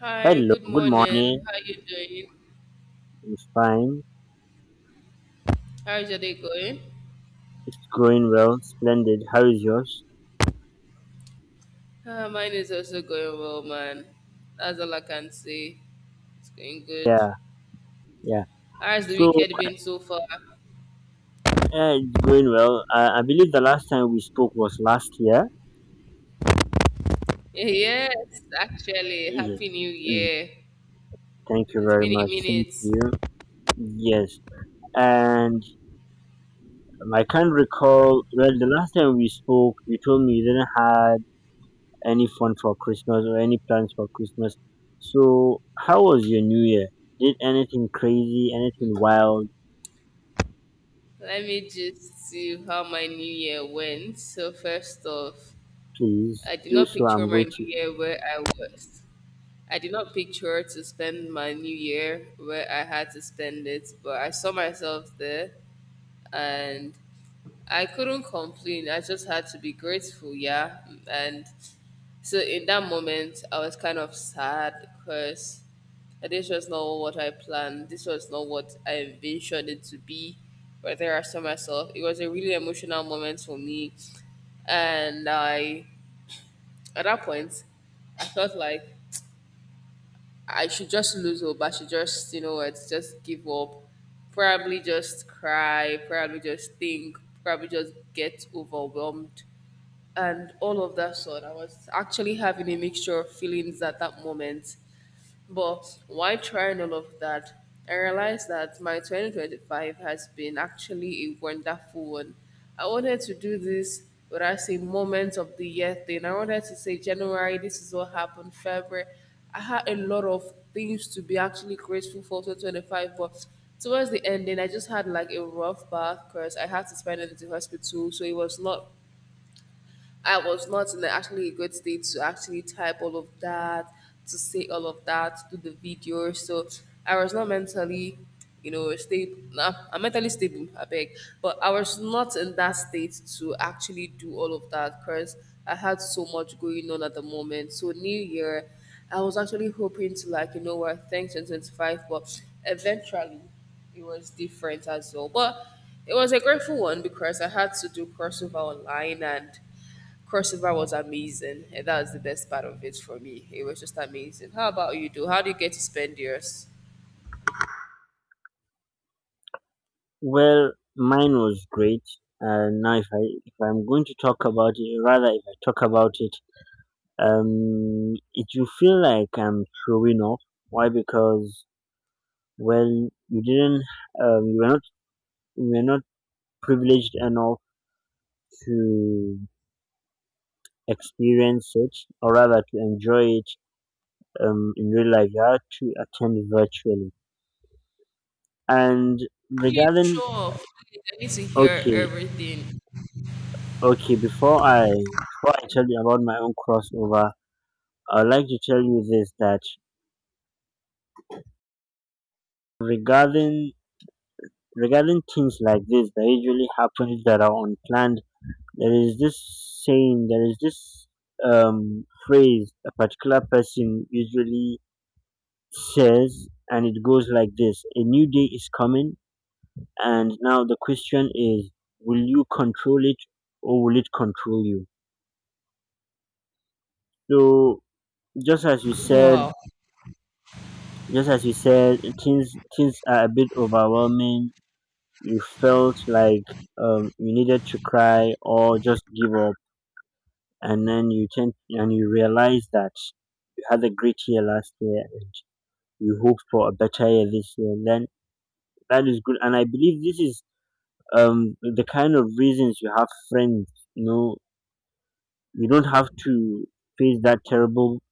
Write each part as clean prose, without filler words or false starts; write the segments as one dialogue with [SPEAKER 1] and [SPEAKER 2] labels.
[SPEAKER 1] Hi,
[SPEAKER 2] Hello,
[SPEAKER 1] good
[SPEAKER 2] good morning.
[SPEAKER 1] morning. How you doing?
[SPEAKER 2] I'm fine.
[SPEAKER 1] How's your day going?
[SPEAKER 2] It's going well, splendid. How is yours?
[SPEAKER 1] Mine is also going well, man. That's all I can say. It's going good.
[SPEAKER 2] Yeah, yeah.
[SPEAKER 1] How's the
[SPEAKER 2] So,
[SPEAKER 1] weekend been so far?
[SPEAKER 2] yeah, it's going well. I believe the last time we spoke was last year.
[SPEAKER 1] Yes, actually,
[SPEAKER 2] Yes.
[SPEAKER 1] happy new
[SPEAKER 2] yes.
[SPEAKER 1] year.
[SPEAKER 2] Thank you
[SPEAKER 1] It's
[SPEAKER 2] very
[SPEAKER 1] been a
[SPEAKER 2] much. Thank
[SPEAKER 1] minute.
[SPEAKER 2] you. Yes. And I can't recall, well, the last time we spoke, you told me you didn't have any fun for Christmas or any plans for Christmas. So, how was your New Year? Did anything crazy, anything wild?
[SPEAKER 1] Let me just see how my new year went. So first off,
[SPEAKER 2] Please
[SPEAKER 1] I did
[SPEAKER 2] do
[SPEAKER 1] not
[SPEAKER 2] so.
[SPEAKER 1] picture
[SPEAKER 2] I'm
[SPEAKER 1] my new
[SPEAKER 2] waiting.
[SPEAKER 1] year where I was. I did not picture to spend my new year where I had to spend it, but I saw myself there and I couldn't complain. I just had to be grateful, yeah. And so in that moment, I was kind of sad because this was not what I planned. This was not what I envisioned it to be. But there I saw myself. It was a really emotional moment for me, and I at that point, I felt like I should just lose hope. I should just you know what, just give up, probably just cry, probably just think, probably just get overwhelmed, and all of that sort. I was actually having a mixture of feelings at that moment. But while trying all of that, I realized that my 2025 has been actually a wonderful one. I wanted to do this, but I say moment of the year thing. I wanted to say January, this is what happened, February. I had a lot of things to be actually grateful for 2025, but towards the ending, I just had like a rough bath because I had to spend it in the hospital, so it was not, I was not in actually a good state to actually type all of that, to say all of that, to do the video. So I was not mentally, stable. Nah, I'm mentally stable, I beg. But I was not in that state to actually do all of that because I had so much going on at the moment. So New Year, I was actually hoping to like, you know what, thanks in 25, but eventually it was different as well. But it was a grateful one because I had to do crossover online, and Crossover was amazing, and that was the best part of it for me. It was just amazing. How about you, do? How do you get to spend yours?
[SPEAKER 2] Well, mine was great. Now, if I'm going to talk about it, rather if I talk about it, it will feel like I'm showing off. Why? Because well, you didn't, um, you were not, you were not privileged enough to experience it, or rather to enjoy it, in real life. You had to attend virtually. And
[SPEAKER 1] Please
[SPEAKER 2] regarding,
[SPEAKER 1] show off. Please, I need to hear
[SPEAKER 2] okay,
[SPEAKER 1] everything.
[SPEAKER 2] okay, before I tell you about my own crossover. I'd like to tell you this: that regarding regarding things like this that usually happens that are unplanned, there is this saying, there is this phrase a particular person usually says, and it goes like this: a new day is coming, and now the question is, will you control it, or will it control you? So just as you said
[SPEAKER 1] Wow.
[SPEAKER 2] just as you said, things are a bit overwhelming, you felt like you needed to cry or just give up, and then you tend and you realize that you had a great year last year and you hope for a better year this year, and then that is good. And I believe this is the kind of reasons you have friends. You know, you don't have to face that terrible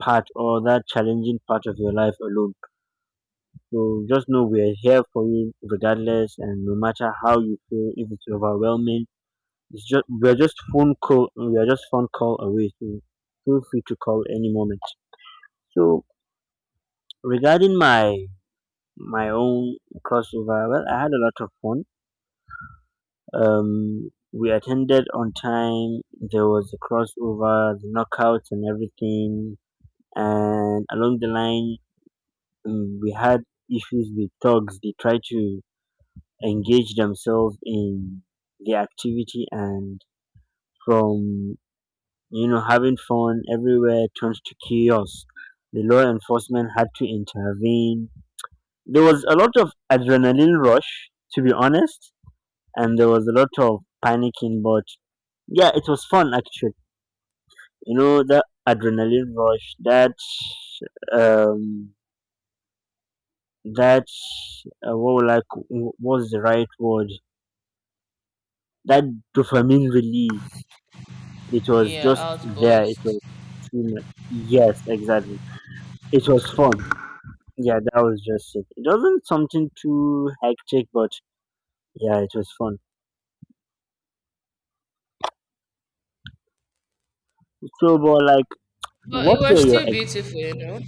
[SPEAKER 2] part or that challenging part of your life alone. So just know we are here for you regardless, and no matter how you feel, if it's overwhelming. It's just we are just phone call away, so feel free to call any moment. So regarding my own crossover, well, I had a lot of fun. We attended on time. There was a crossover, the knockouts, and everything. And along the line, we had issues with thugs. They tried to engage themselves in the activity, and from, having fun everywhere turned to chaos. The law enforcement had to intervene. There was a lot of adrenaline rush, to be honest, and there was a lot of panicking, but yeah, it was fun actually. You know, that adrenaline rush, um, that, what like, was the right word? That dopamine release. It was
[SPEAKER 1] Yeah,
[SPEAKER 2] just there. It
[SPEAKER 1] outburst.
[SPEAKER 2] was too much. Yes, exactly. It was fun. Yeah, that was just it. It wasn't something too hectic, but yeah, it was fun. So, but like,
[SPEAKER 1] But it
[SPEAKER 2] what
[SPEAKER 1] was
[SPEAKER 2] were your
[SPEAKER 1] still
[SPEAKER 2] ex-
[SPEAKER 1] beautiful, you know.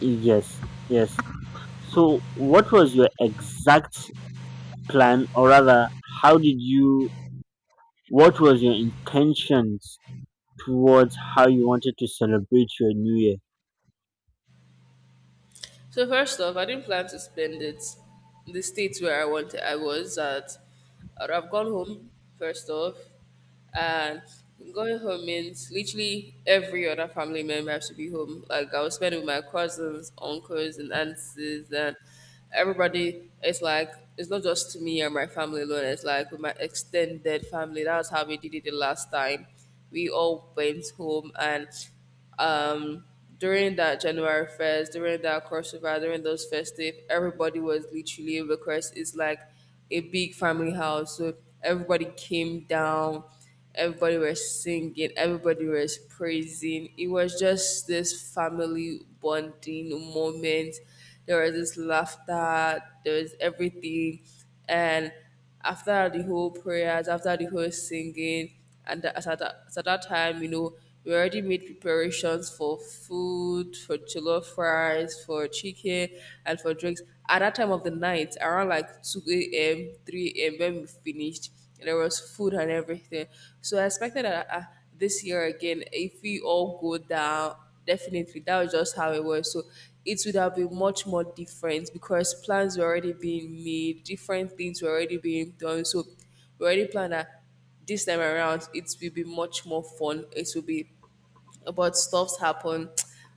[SPEAKER 2] yes, yes. So, what was your exact plan, or rather, how did you? What was your intentions towards how you wanted to celebrate your New Year?
[SPEAKER 1] So first off, I didn't plan to spend it in the states where I wanted I was at. I would have gone home first off, and going home means literally every other family member has to be home. Like I was spending with my cousins, uncles, and aunts, and everybody. It's like it's not just me and my family alone. It's like with my extended family. That's how we did it the last time. We all went home and um, during that January 1st, during that crossover, during those festive, everybody was literally, because it's like a big family house. So everybody came down, everybody was singing, everybody was praising. It was just this family bonding moment. There was this laughter, there was everything. And after the whole prayers, after the whole singing, and at that time, you know, we already made preparations for food, for jollof fries, for chicken, and for drinks. At that time of the night, around like 2 a.m., 3 a.m., when we finished, there was food and everything. So I expected that this year again, if we all go down, definitely, that was just how it was, so it would have been much more different because plans were already being made, different things were already being done, so we already planned that this time around it will be much more fun, it will be, but stuff's happened.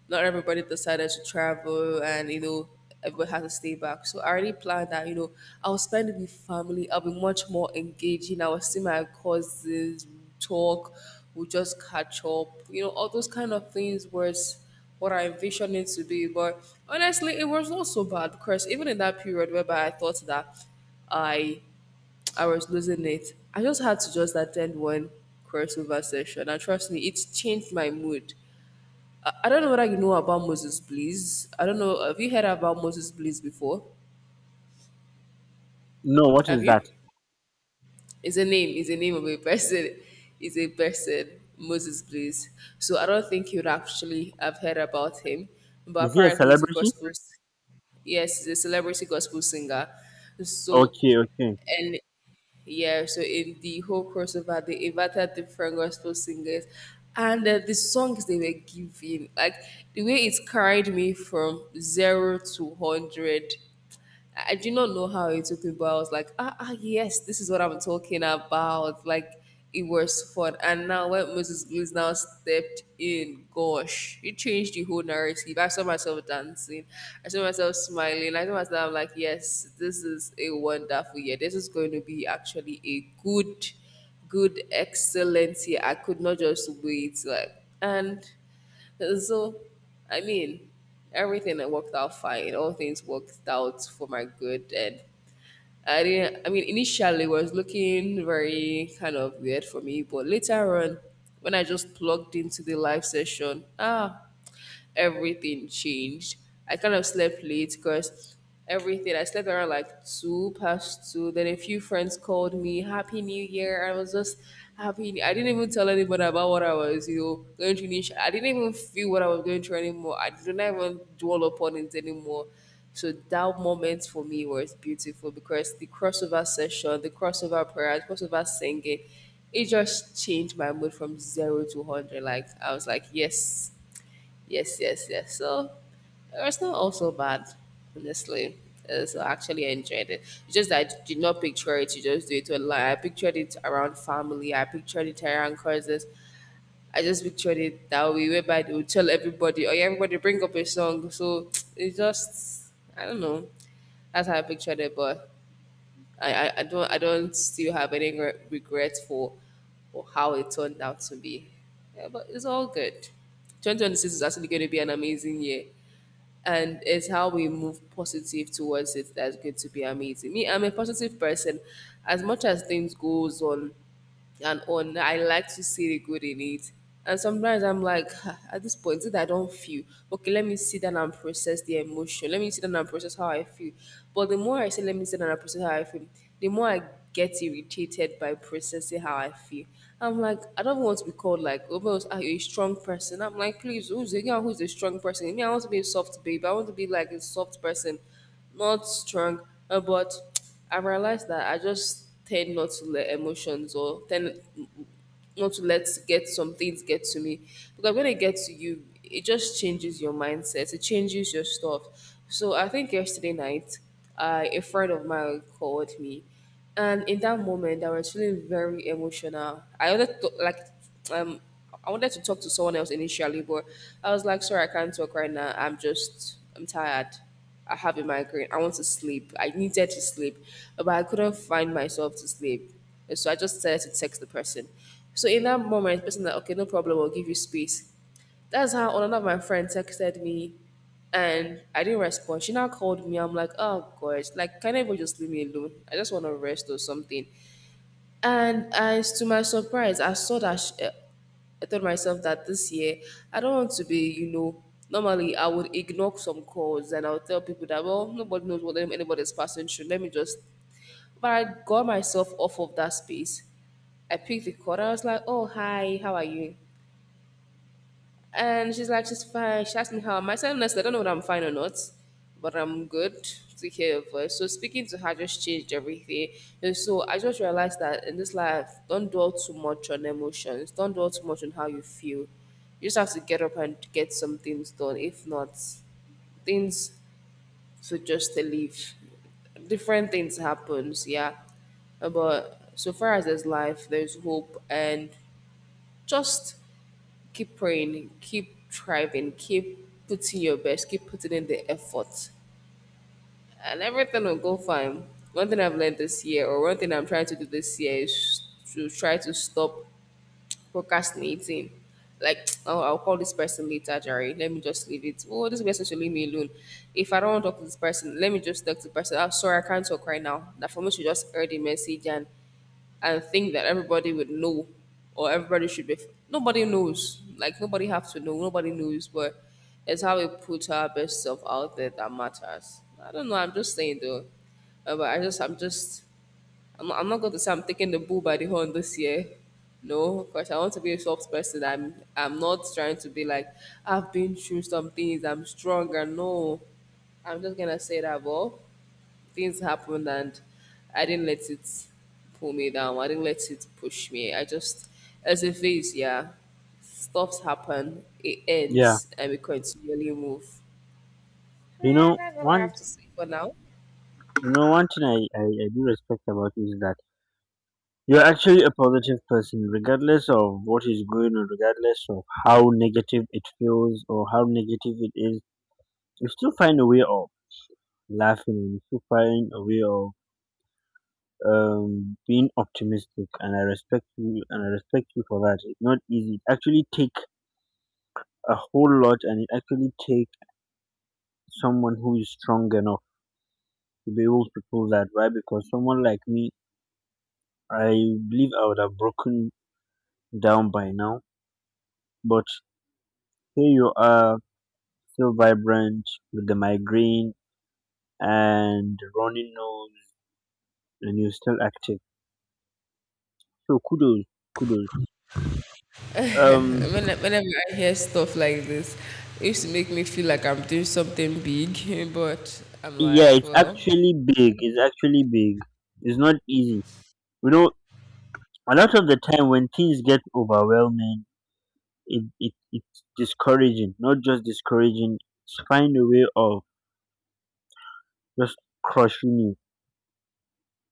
[SPEAKER 1] Not everybody decided to travel, and you know, everybody had to stay back. So I already planned that you know I'll spend it with family. I'll be much more engaging. I will see my cousins, talk, we'll just catch up. You know, all those kind of things was what I envisioned it to be. But honestly, it was not so bad because even in that period whereby I thought that I I was losing it, I just had to just attend one crossover session and trust me, it changed my mood. I don't know whether you know about Moses Bliss. I don't know. Have you heard about Moses Bliss before?
[SPEAKER 2] No, what
[SPEAKER 1] Have
[SPEAKER 2] is that?
[SPEAKER 1] you? It's a name. It's a name of a person. It's a person. Moses Bliss. So I don't think you'd actually have heard about him, but
[SPEAKER 2] Is he a
[SPEAKER 1] apparently he's a
[SPEAKER 2] celebrity?
[SPEAKER 1] gospel. Yes, he's a celebrity gospel singer. So
[SPEAKER 2] Okay, okay,
[SPEAKER 1] and yeah, so in the whole crossover, they invited different gospel singers, and the songs they were giving, like the way it carried me from zero to hundred, I do not know how it took me, but I was like, ah, ah yes, this is what I'm talking about. Like it was fun. And now when Moses Blues now stepped in, gosh, it changed the whole narrative. I saw myself dancing, I saw myself smiling, I saw myself, I'm like, yes, this is a wonderful year. This is going to be actually a good, good, excellent year. I could not just wait. Like and so, I mean, everything that worked out fine. All things worked out for my good, and I didn't, I mean, initially it was looking very kind of weird for me, but later on, when I just plugged into the live session, ah, everything changed. I kind of slept late because everything, I slept around like two past two. Then a few friends called me, Happy New Year. I was just happy. I didn't even tell anybody about what I was, you know, going through. I didn't even feel what I was going through anymore. I did not even dwell upon it anymore. So that moment for me was beautiful because the crossover session, the crossover prayer, the crossover singing, it just changed my mood from zero to hundred. Like I was like, yes, yes, yes, yes. So it was not also bad, honestly. So I actually enjoyed it. It's just that I did not picture it. You just do it online. I pictured it around family. I pictured it around cousins. I just pictured it that way, whereby they would tell everybody, oh yeah, everybody bring up a song. So it's just, I don't know. That's how I pictured it, but I don't still have any regret for how it turned out to be. Yeah, but it's all good. 2026 is actually going to be an amazing year, and it's how we move positive towards it that's going to be amazing. Me, I'm a positive person. As much as things goes on and on. I like to see the good in it. And sometimes I'm like, "Ah, at this point, that I don't feel okay. Let me sit down and process the emotion. Let me sit down and process how I feel. But the more I say, let me sit down and process how I feel, the more I get irritated by processing how I feel. I'm like, I don't want to be called like, oh, but are you a strong person? I'm like, please, who's the yeah, who's a strong person? Me, I want to be a soft babe. I want to be like a soft person, not strong. But I realized that I just tend not to let emotions or tend not to let get some things get to me because when it gets to you, it just changes your mindset. It changes your stuff. So I think yesterday night, a friend of mine called me and in that moment, I was feeling very emotional. Um, I wanted to talk to someone else initially, but I was like, sorry, I can't talk right now. I'm tired. I have a migraine. I want to sleep. I needed to sleep, but I couldn't find myself to sleep. So I just started to text the person. So in that moment, the person like, okay, no problem. I'll give you space. That's how another of my friends texted me and I didn't respond. She now called me. I'm like, oh gosh, like can everyone just leave me alone? I just want to rest or something. And as to my surprise, I saw that I told myself that this year I don't want to be, you know, normally I would ignore some calls and I would tell people that, well, nobody knows what anybody's passing through. Let me just, but I got myself off of that space. I picked the call. I was like, "Oh, hi, how are you?" And she's like, she's fine. She asked me how am I. I said, honestly, I don't know whether I'm fine or not, but I'm good to hear her voice. So speaking to her just changed everything. And so I just realized that in this life, don't dwell too much on emotions. Don't dwell too much on how you feel. You just have to get up and get some things done. If not, things should just leave. Different things happens, yeah. But so far as there's life, there's hope, and just keep praying, keep striving, keep putting your best, keep putting in the effort, and everything will go fine. One thing I've learned this year, or one thing I'm trying to do this year, is to try to stop procrastinating. Like, oh, I'll call this person later, Jerry. Let me just leave it. Oh, this person should leave me alone. If I don't want to talk to this person, let me just talk to the person. I'm sorry, I can't talk right now. That for me should just air the message, and think that everybody would know, or everybody should be, nobody knows, like nobody have to know, nobody knows. But it's how we put our best self out there that matters. I don't know, I'm just saying though. But I just I'm not, I'm not going to say I'm taking the bull by the horn this year. No, because I want to be a soft person. I'm not trying to be like I've been through some things, I'm stronger. No, I'm just gonna say that, well, things happened and I didn't let it pull me down. I didn't let it push me. I just, as a phase, yeah, stuff's happen, it
[SPEAKER 2] yeah.
[SPEAKER 1] ends, and we continually move.
[SPEAKER 2] You
[SPEAKER 1] And
[SPEAKER 2] know
[SPEAKER 1] that's all I
[SPEAKER 2] one,
[SPEAKER 1] have to say for now.
[SPEAKER 2] you know one thing I do respect about you is that you're actually a positive person, regardless of what is going on, regardless of how negative it feels or how negative it is. You still find a way of laughing, and you still find a way of being optimistic, and I respect you, and I respect you for that. It's not easy. It actually take a whole lot, and it actually take someone who is strong enough to be able to pull that. Why? Because someone like me, I believe I would have broken down by now, but here you are, still vibrant with the migraine and runny nose, and you're still active. So kudos, kudos. Um,
[SPEAKER 1] Whenever I hear stuff like this, it used to make me feel like I'm doing something big, but I'm
[SPEAKER 2] yeah,
[SPEAKER 1] like,
[SPEAKER 2] it's
[SPEAKER 1] well,
[SPEAKER 2] actually big. It's actually big. It's not easy. You know, a lot of the time when things get overwhelming, it's discouraging. Not just discouraging. It's find a way of just crushing you.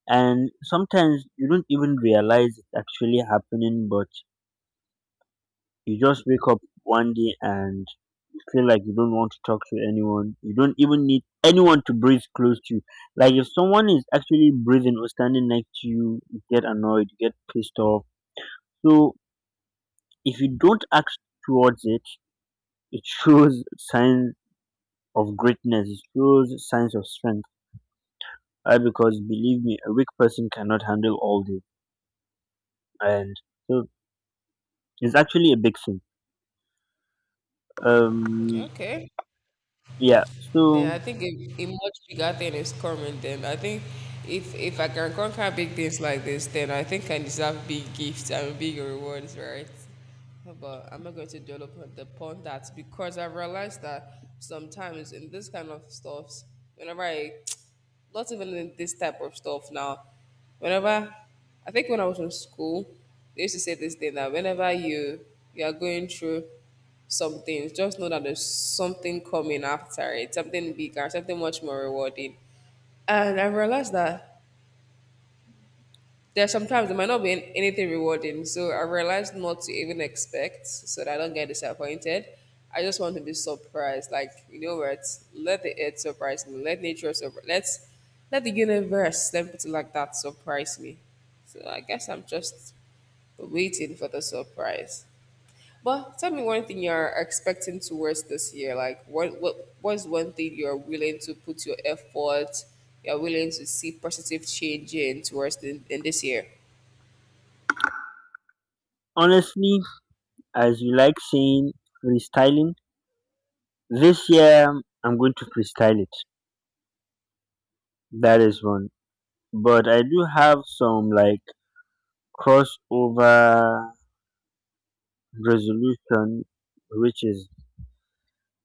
[SPEAKER 2] And sometimes you don't even realize it's actually happening, but you just wake up one day and you feel like you don't want to talk to anyone. You don't even need anyone to breathe close to you. Like if someone is actually breathing or standing next to you, you get annoyed, you get pissed off. So if you don't act towards it, it shows signs of greatness, it shows signs of strength. Because believe me, a weak person cannot handle all this. And so it's actually a big thing. Um
[SPEAKER 1] okay.
[SPEAKER 2] yeah,
[SPEAKER 1] Yeah,
[SPEAKER 2] so
[SPEAKER 1] I think a much bigger thing is coming then. I think if I can conquer big things like this, then I think I deserve big gifts and big rewards, right? But I'm not going to dwell upon that, because I've realized that sometimes in this kind of stuffs, whenever I not even in this type of stuff now. Whenever I think when I was in school, they used to say this thing that whenever you are going through some things, just know that there's something coming after it, something bigger, something much more rewarding. And I realized that there are sometimes there might not be anything rewarding. So I realized not to even expect, so that I don't get disappointed. I just want to be surprised. Like, you know what? Let the earth surprise me. Let nature surprise, let the universe, let me put it like that, surprise me. So I guess I'm just waiting for the surprise. But tell me one thing you're expecting towards this year. Like what's one thing you're willing to put your effort, you're willing to see positive change in towards in this year?
[SPEAKER 2] honestly, as you like saying, freestyling, this year I'm going to freestyle it. That is one. But I do have some like crossover resolution, which is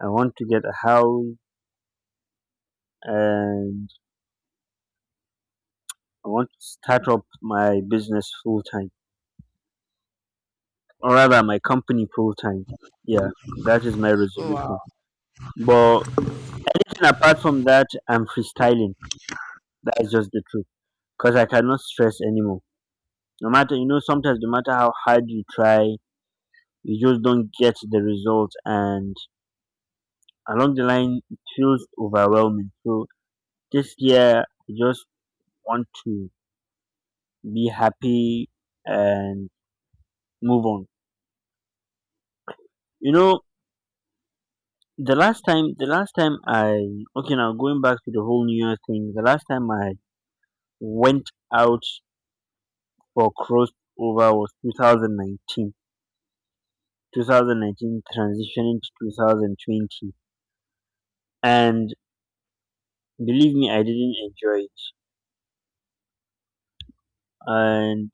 [SPEAKER 2] I want to get a house, and I want to start up my business full time, or rather my company full time. Yeah, that is my
[SPEAKER 1] Wow.
[SPEAKER 2] resolution. But anything apart from that, I'm freestyling. That is just the truth because I cannot stress anymore. No matter, you know, sometimes no matter how hard you try, you just don't get the result, and along the line it feels overwhelming. So this year I just want to be happy and move on, you know. The last time I Okay, now going back to the whole new year thing, the last time I went out for crossover was 2019, 2019 transitioning to 2020. And believe me, I didn't enjoy it. And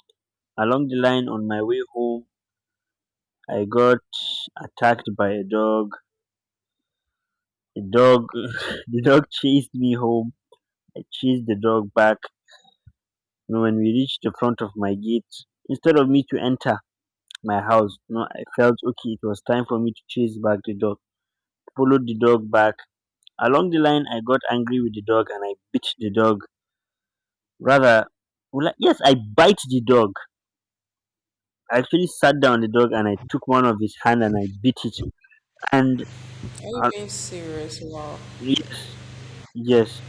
[SPEAKER 2] along the line on my way home, I got attacked by a dog. The dog, the dog chased me home. I chased the dog back. You know, when we reached the front of my gate, instead of me to enter my house, you know, I felt okay. It was time for me to chase back the dog. Followed the dog back. Along the line, I got angry with the dog and I bit the dog. Rather, well, yes, I bite the dog. I actually sat down the dog and I took one of his hand and I beat it. And
[SPEAKER 1] Are you
[SPEAKER 2] uh,
[SPEAKER 1] being serious? Wow.
[SPEAKER 2] yes, yes,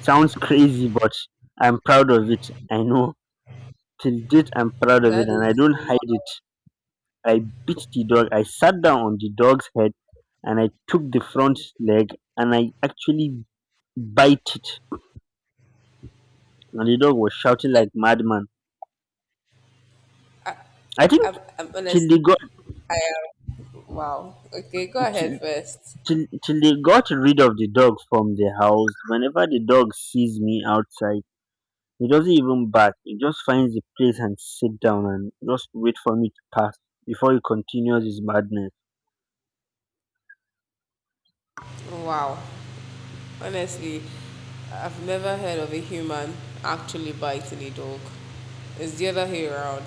[SPEAKER 2] sounds crazy, but I'm proud of it. I know till date I'm proud of it
[SPEAKER 1] That
[SPEAKER 2] and I
[SPEAKER 1] is
[SPEAKER 2] don't
[SPEAKER 1] wow.
[SPEAKER 2] hide it. I beat the dog. I sat down on the dog's head and I took the front leg and I actually bite it. And the dog was shouting
[SPEAKER 1] Eh,
[SPEAKER 2] like madman. I think
[SPEAKER 1] I'm
[SPEAKER 2] till
[SPEAKER 1] honestly,
[SPEAKER 2] they got
[SPEAKER 1] I am wow. Okay, go ahead
[SPEAKER 2] till,
[SPEAKER 1] first.
[SPEAKER 2] till they got rid of the dog from the house. Whenever the dog sees me outside, he doesn't even bark, he just finds the place and sit down and just wait for me to pass before he continues his madness.
[SPEAKER 1] Wow. Honestly, I've never heard of a human actually biting a dog. It's the other way around.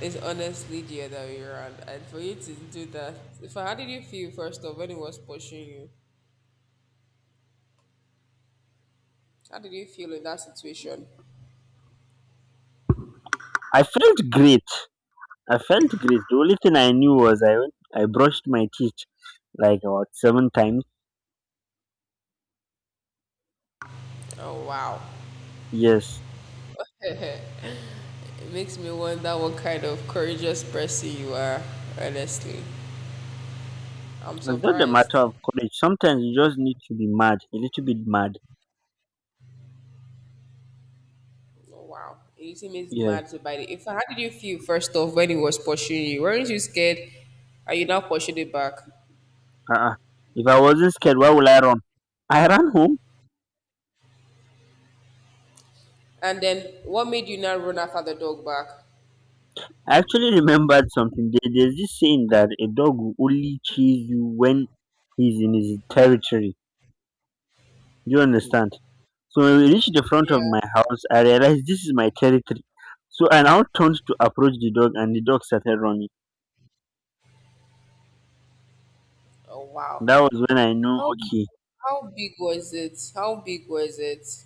[SPEAKER 1] It's honestly the other way around. And for you to do that, if how did you feel first of when it was pushing you? How did you feel in that situation?
[SPEAKER 2] I felt great. I felt great. The only thing I knew was I went, I brushed my teeth like about seven times.
[SPEAKER 1] Oh wow.
[SPEAKER 2] Yes.
[SPEAKER 1] It makes me wonder what kind of courageous person you are, honestly. I'm
[SPEAKER 2] It's not a
[SPEAKER 1] surprised.
[SPEAKER 2] matter of courage. Sometimes you just need to be mad, a little bit mad.
[SPEAKER 1] Oh, wow. You seem is
[SPEAKER 2] Yes.
[SPEAKER 1] mad by it. In fact, how did you feel first off when he was pursuing you? Weren't you scared? Are you now pursued it back?
[SPEAKER 2] Uh-uh. If I wasn't scared, why would I run? I ran home.
[SPEAKER 1] And then what made you now run after the dog back?
[SPEAKER 2] I actually remembered something. There's this saying that a dog will only chase you when he's in his territory. Do you understand? So when we reached the front of
[SPEAKER 1] Yeah.
[SPEAKER 2] my house, I realized this is my territory. So I now turned to approach the dog, and the dog started running.
[SPEAKER 1] Oh wow.
[SPEAKER 2] That was when I know,
[SPEAKER 1] How big
[SPEAKER 2] okay,
[SPEAKER 1] how big was it? How big was it?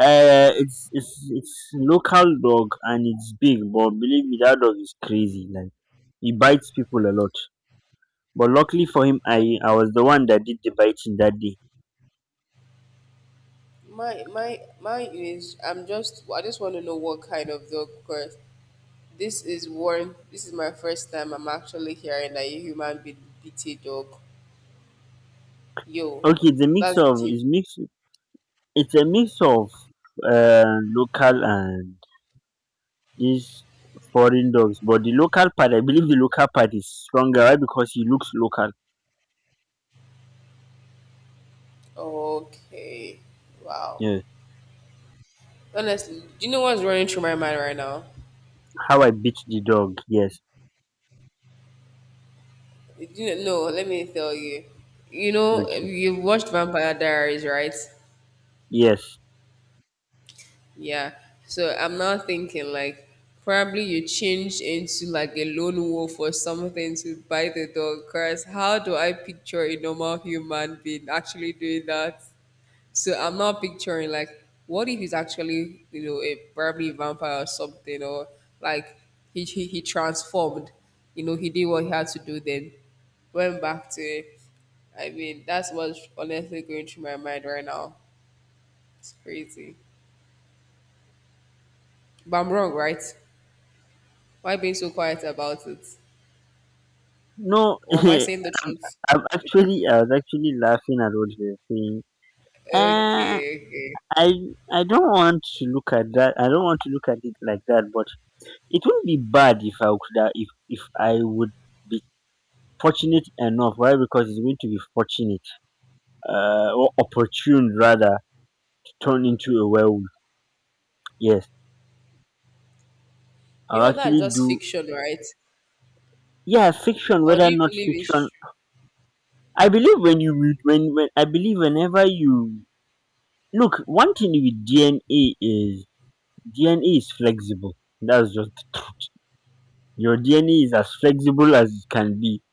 [SPEAKER 2] it's it's local dog and it's big, but believe me, that dog is crazy. Like, he bites people a lot. But luckily for him, I was the one that did the biting that day.
[SPEAKER 1] My is I'm just I just want to know what kind of dog cause. This is one. This is my first time I'm actually hearing that a human be beat a dog. Yo,
[SPEAKER 2] Okay,
[SPEAKER 1] that's deep.
[SPEAKER 2] it's a mix of local and these foreign dogs, but the local part, I believe the local part is stronger. Why? Because he looks local.
[SPEAKER 1] Okay, wow.
[SPEAKER 2] Yeah.
[SPEAKER 1] Honestly, do you know what's running through my mind right now?
[SPEAKER 2] How I beat the dog. Yes.
[SPEAKER 1] Do you know, no, let me tell you. You know,
[SPEAKER 2] Okay.
[SPEAKER 1] you've watched Vampire Diaries, right?
[SPEAKER 2] Yes.
[SPEAKER 1] Yeah. So I'm now thinking like, probably you changed into like a lone wolf or something to bite the dog. Cause how do I picture a normal human being actually doing that? So I'm not picturing like, what if he's actually, you know, a probably vampire or something, or like he transformed, you know, he did what he had to do, then went back to it. I mean, that's what's honestly going through my mind right now. It's crazy, but I'm wrong, right? Why being so quiet about it?
[SPEAKER 2] No,
[SPEAKER 1] Or am I saying the truth?
[SPEAKER 2] I'm actually, I was actually laughing at what you were saying. Uh,
[SPEAKER 1] Okay, okay.
[SPEAKER 2] I, I don't want to look at that. I don't want to look at it like that, but it wouldn't be bad if I could, if I would be fortunate enough. Why? Because it's going to be fortunate, or opportune rather, to turn into a werewolf. Yes.
[SPEAKER 1] You
[SPEAKER 2] I'll
[SPEAKER 1] know that's
[SPEAKER 2] actually
[SPEAKER 1] just
[SPEAKER 2] do
[SPEAKER 1] fiction, right?
[SPEAKER 2] yeah, fiction,
[SPEAKER 1] Or do
[SPEAKER 2] whether
[SPEAKER 1] you
[SPEAKER 2] not
[SPEAKER 1] believe
[SPEAKER 2] fiction.
[SPEAKER 1] it's
[SPEAKER 2] I believe when you read when I believe whenever you look, one thing with DNA is DNA is flexible. That's just the truth. Your DNA is as flexible as it can be.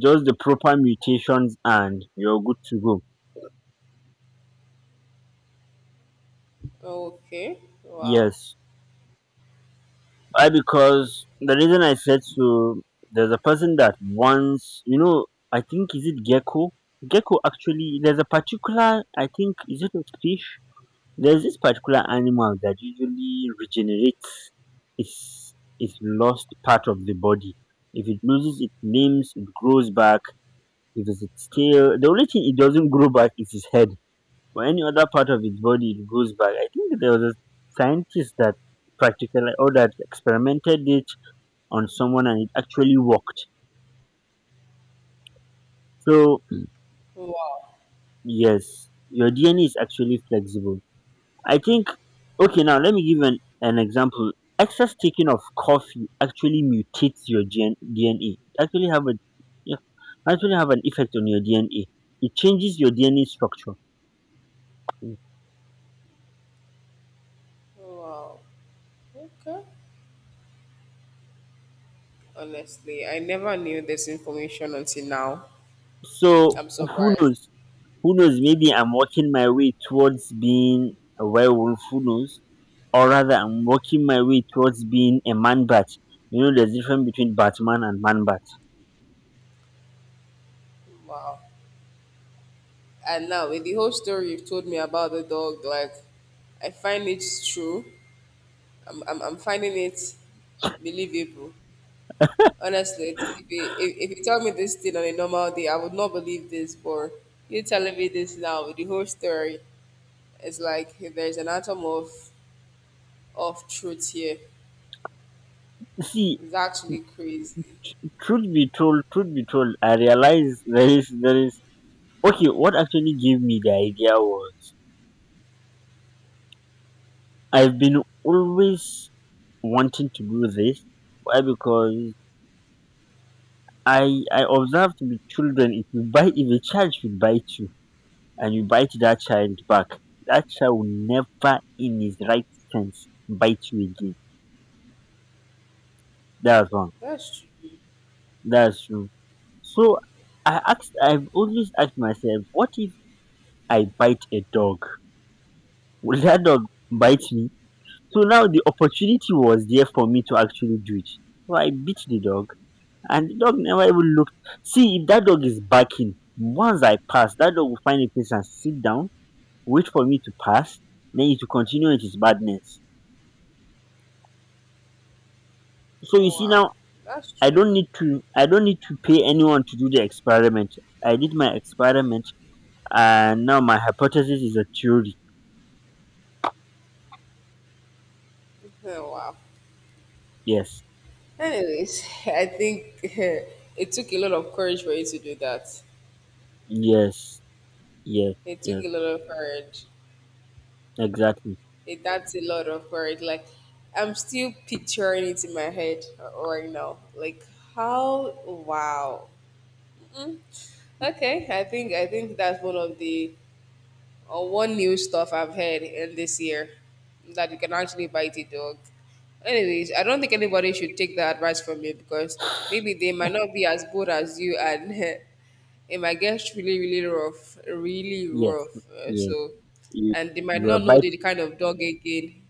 [SPEAKER 2] Just the proper mutations and you're good to go.
[SPEAKER 1] true? Okay. Wow.
[SPEAKER 2] Yes. Why? Because the reason I said so, there's a person that once, you know, I think, is it Gecko? Gecko actually, there's a particular, I think, is it a fish? There's this particular animal that usually regenerates its lost part of the body. If it loses its limbs, it grows back. If it's its tail, the only thing it doesn't grow back is its head. But any other part of its body, it grows back. I think there was a scientist that practically or that experimented it on someone and it actually worked. So
[SPEAKER 1] Wow.
[SPEAKER 2] yes, your DNA is actually flexible. I think okay, now let me give an example. Excess taking of coffee actually mutates your DNA. Actually have a yeah, actually have an effect on your DNA. It changes your DNA structure.
[SPEAKER 1] Wow. Okay. Honestly, I never knew this information until now.
[SPEAKER 2] So
[SPEAKER 1] I'm
[SPEAKER 2] who
[SPEAKER 1] surprised.
[SPEAKER 2] knows? Who knows? Maybe I'm working my way towards being a werewolf. Who knows? Or rather, I'm working my way towards being a man bat. You know, there's difference between Batman and man bat.
[SPEAKER 1] Wow. And now, with the whole story you've told me about the dog, like, I find it true. I'm finding it believable. Honestly, if you tell me this thing on a normal day, I would not believe this. But you telling me this now with the whole story, it's like there's an atom of truth here.
[SPEAKER 2] See,
[SPEAKER 1] It's actually crazy.
[SPEAKER 2] truth be told, I realize there is okay, what actually gave me the idea was I've been always wanting to do this. Why? Because I observed with children if you bite, if a child should bite you and you bite that child back, that child will never in his right sense bite you again. That's one.
[SPEAKER 1] That's true.
[SPEAKER 2] That's true. So I've always asked myself, what if I bite a dog? Will that dog bite me? So now the opportunity was there for me to actually do it. So I beat the dog and the dog never even looked. See, if that dog is barking, once I pass, that dog will find a place and sit down, wait for me to pass, then it will continue with its madness. So you see
[SPEAKER 1] Wow,
[SPEAKER 2] now
[SPEAKER 1] that's
[SPEAKER 2] I
[SPEAKER 1] true.
[SPEAKER 2] don't need to I don't need to pay anyone to do the experiment. I did my experiment and now my hypothesis is a theory.
[SPEAKER 1] Oh, wow.
[SPEAKER 2] Yes.
[SPEAKER 1] Anyways, I think it took a lot of courage for you to do that.
[SPEAKER 2] Yes. Yes.
[SPEAKER 1] It took
[SPEAKER 2] Yes.
[SPEAKER 1] a lot of courage.
[SPEAKER 2] Exactly.
[SPEAKER 1] That's a lot of courage. Like, I'm still picturing it in my head right now. Like, how? Wow. Mm, okay, I think that's one of the or one new stuff I've heard in this year, that you can actually bite a dog. Anyways, I don't think anybody should take that advice from you, because maybe they might not be as good as you, and it might get really, really rough, really
[SPEAKER 2] Yes.
[SPEAKER 1] rough.
[SPEAKER 2] Yes.
[SPEAKER 1] So,
[SPEAKER 2] You
[SPEAKER 1] and they might
[SPEAKER 2] you are
[SPEAKER 1] not know
[SPEAKER 2] biting.
[SPEAKER 1] the kind of dog again.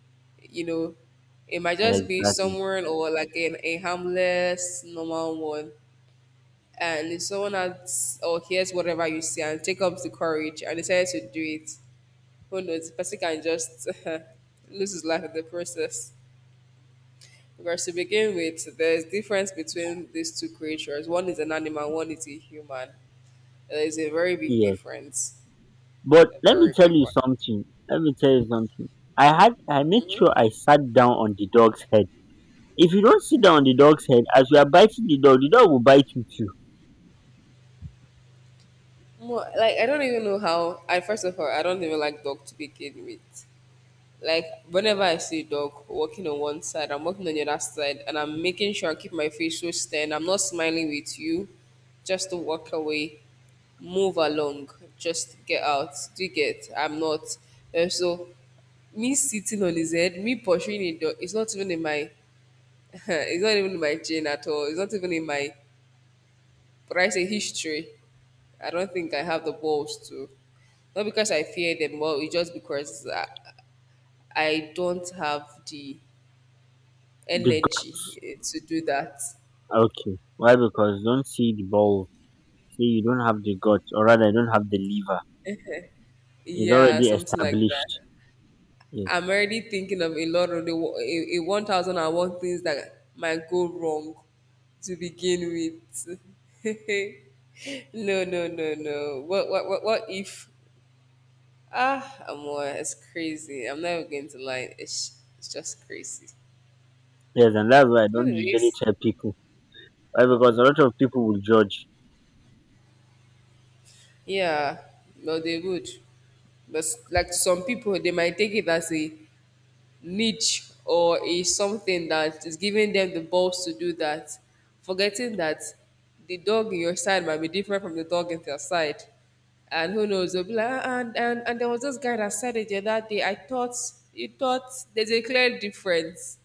[SPEAKER 1] You know, it might just be
[SPEAKER 2] Exactly.
[SPEAKER 1] someone, or like a harmless, normal one. And if someone acts or hears whatever you say and take up the courage and decides to do it, who knows? The person can just lose his life in the process. Because to begin with, there's difference between these two creatures. One is an animal, one is a human. There is a very big
[SPEAKER 2] Yes.
[SPEAKER 1] difference.
[SPEAKER 2] But
[SPEAKER 1] A
[SPEAKER 2] let me
[SPEAKER 1] very
[SPEAKER 2] tell
[SPEAKER 1] big
[SPEAKER 2] you
[SPEAKER 1] one.
[SPEAKER 2] something. Let me tell you something. I made sure I sat down on the dog's head. If you don't sit down on the dog's head, as you are biting the dog will bite you too.
[SPEAKER 1] Well, like, I don't even know how. I First of all, I don't even like dog to begin with. Like, whenever I see a dog walking on one side, I'm walking on the other side, and I'm making sure I keep my face so stern. I'm not smiling with you, just to walk away, move along, just get out. Do you get? I'm not. And so, me sitting on his head, me pursuing a dog, it's not even in my, it's not even in my gene at all. It's not even in my, but I say history. I don't think I have the balls to. Not because I fear them, but it's just because I don't have the
[SPEAKER 2] The gut.
[SPEAKER 1] energy to do that.
[SPEAKER 2] Okay. Why? Because don't see the ball. See, you don't have the gut, or rather, you don't have the liver. It's
[SPEAKER 1] Yeah,
[SPEAKER 2] already
[SPEAKER 1] something like that.
[SPEAKER 2] established. Yes.
[SPEAKER 1] I'm already thinking of a lot of a 1001 things that might go wrong to begin with. No, no, no, no. What if? Ah, Amor, it's crazy. I'm never going to lie. It's just crazy.
[SPEAKER 2] Yes, and that's why I don't usually
[SPEAKER 1] Anyways,
[SPEAKER 2] tell people. Why? Because a lot of people will judge.
[SPEAKER 1] yeah, well, they would. But like, to some people, they might take it as a niche, or a something that is giving them the balls to do that, forgetting that the dog in your side might be different from the dog in their side. And who knows? They'll be like, "Ah, and there was this guy that said it the other day." I thought, you thought there's a clear difference.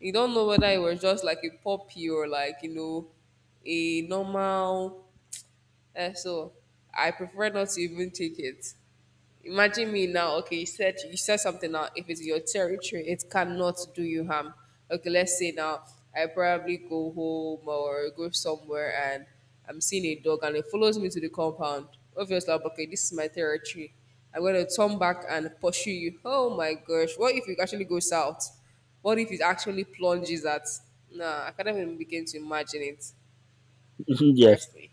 [SPEAKER 1] You don't know whether it was just like a puppy or like, you know, a normal, so I prefer not to even take it. Imagine me now. Okay, you said something now. If it's your territory, it cannot do you harm. Okay, let's say now I probably go home or go somewhere and I'm seeing a dog and it follows me to the compound. Obviously, I'm like, okay, this is my territory. I'm gonna turn back and pursue you. Oh my gosh! What if it actually goes south? What if it actually plunges at? Nah, I can't even begin to imagine it.
[SPEAKER 2] Yes,
[SPEAKER 1] Trust me.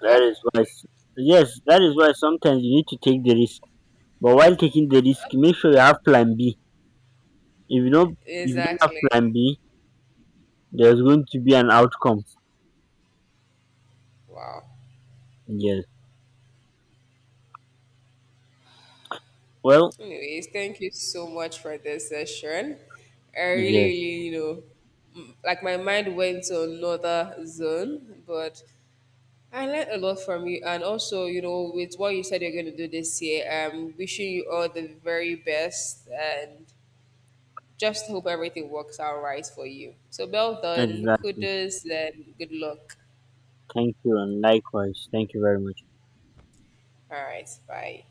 [SPEAKER 2] that
[SPEAKER 1] Huh?
[SPEAKER 2] is why. S- Yes, that is why sometimes you need to take the risk. But while taking the risk, make sure you have plan B. If you don't have
[SPEAKER 1] Exactly.
[SPEAKER 2] plan B, there's going to be an outcome.
[SPEAKER 1] Wow.
[SPEAKER 2] Yes. Well,
[SPEAKER 1] Anyways, thank you so much for this session. I really,
[SPEAKER 2] yes,
[SPEAKER 1] really, m- like my mind went to another zone, but I learned a lot from you. And also, with what you said you're going to do this year, I'm wishing you all the very best and just hope everything works out right for you. So, well done.
[SPEAKER 2] exactly.
[SPEAKER 1] Kudos and good luck.
[SPEAKER 2] Thank you and likewise. Thank you very much.
[SPEAKER 1] All right. Bye.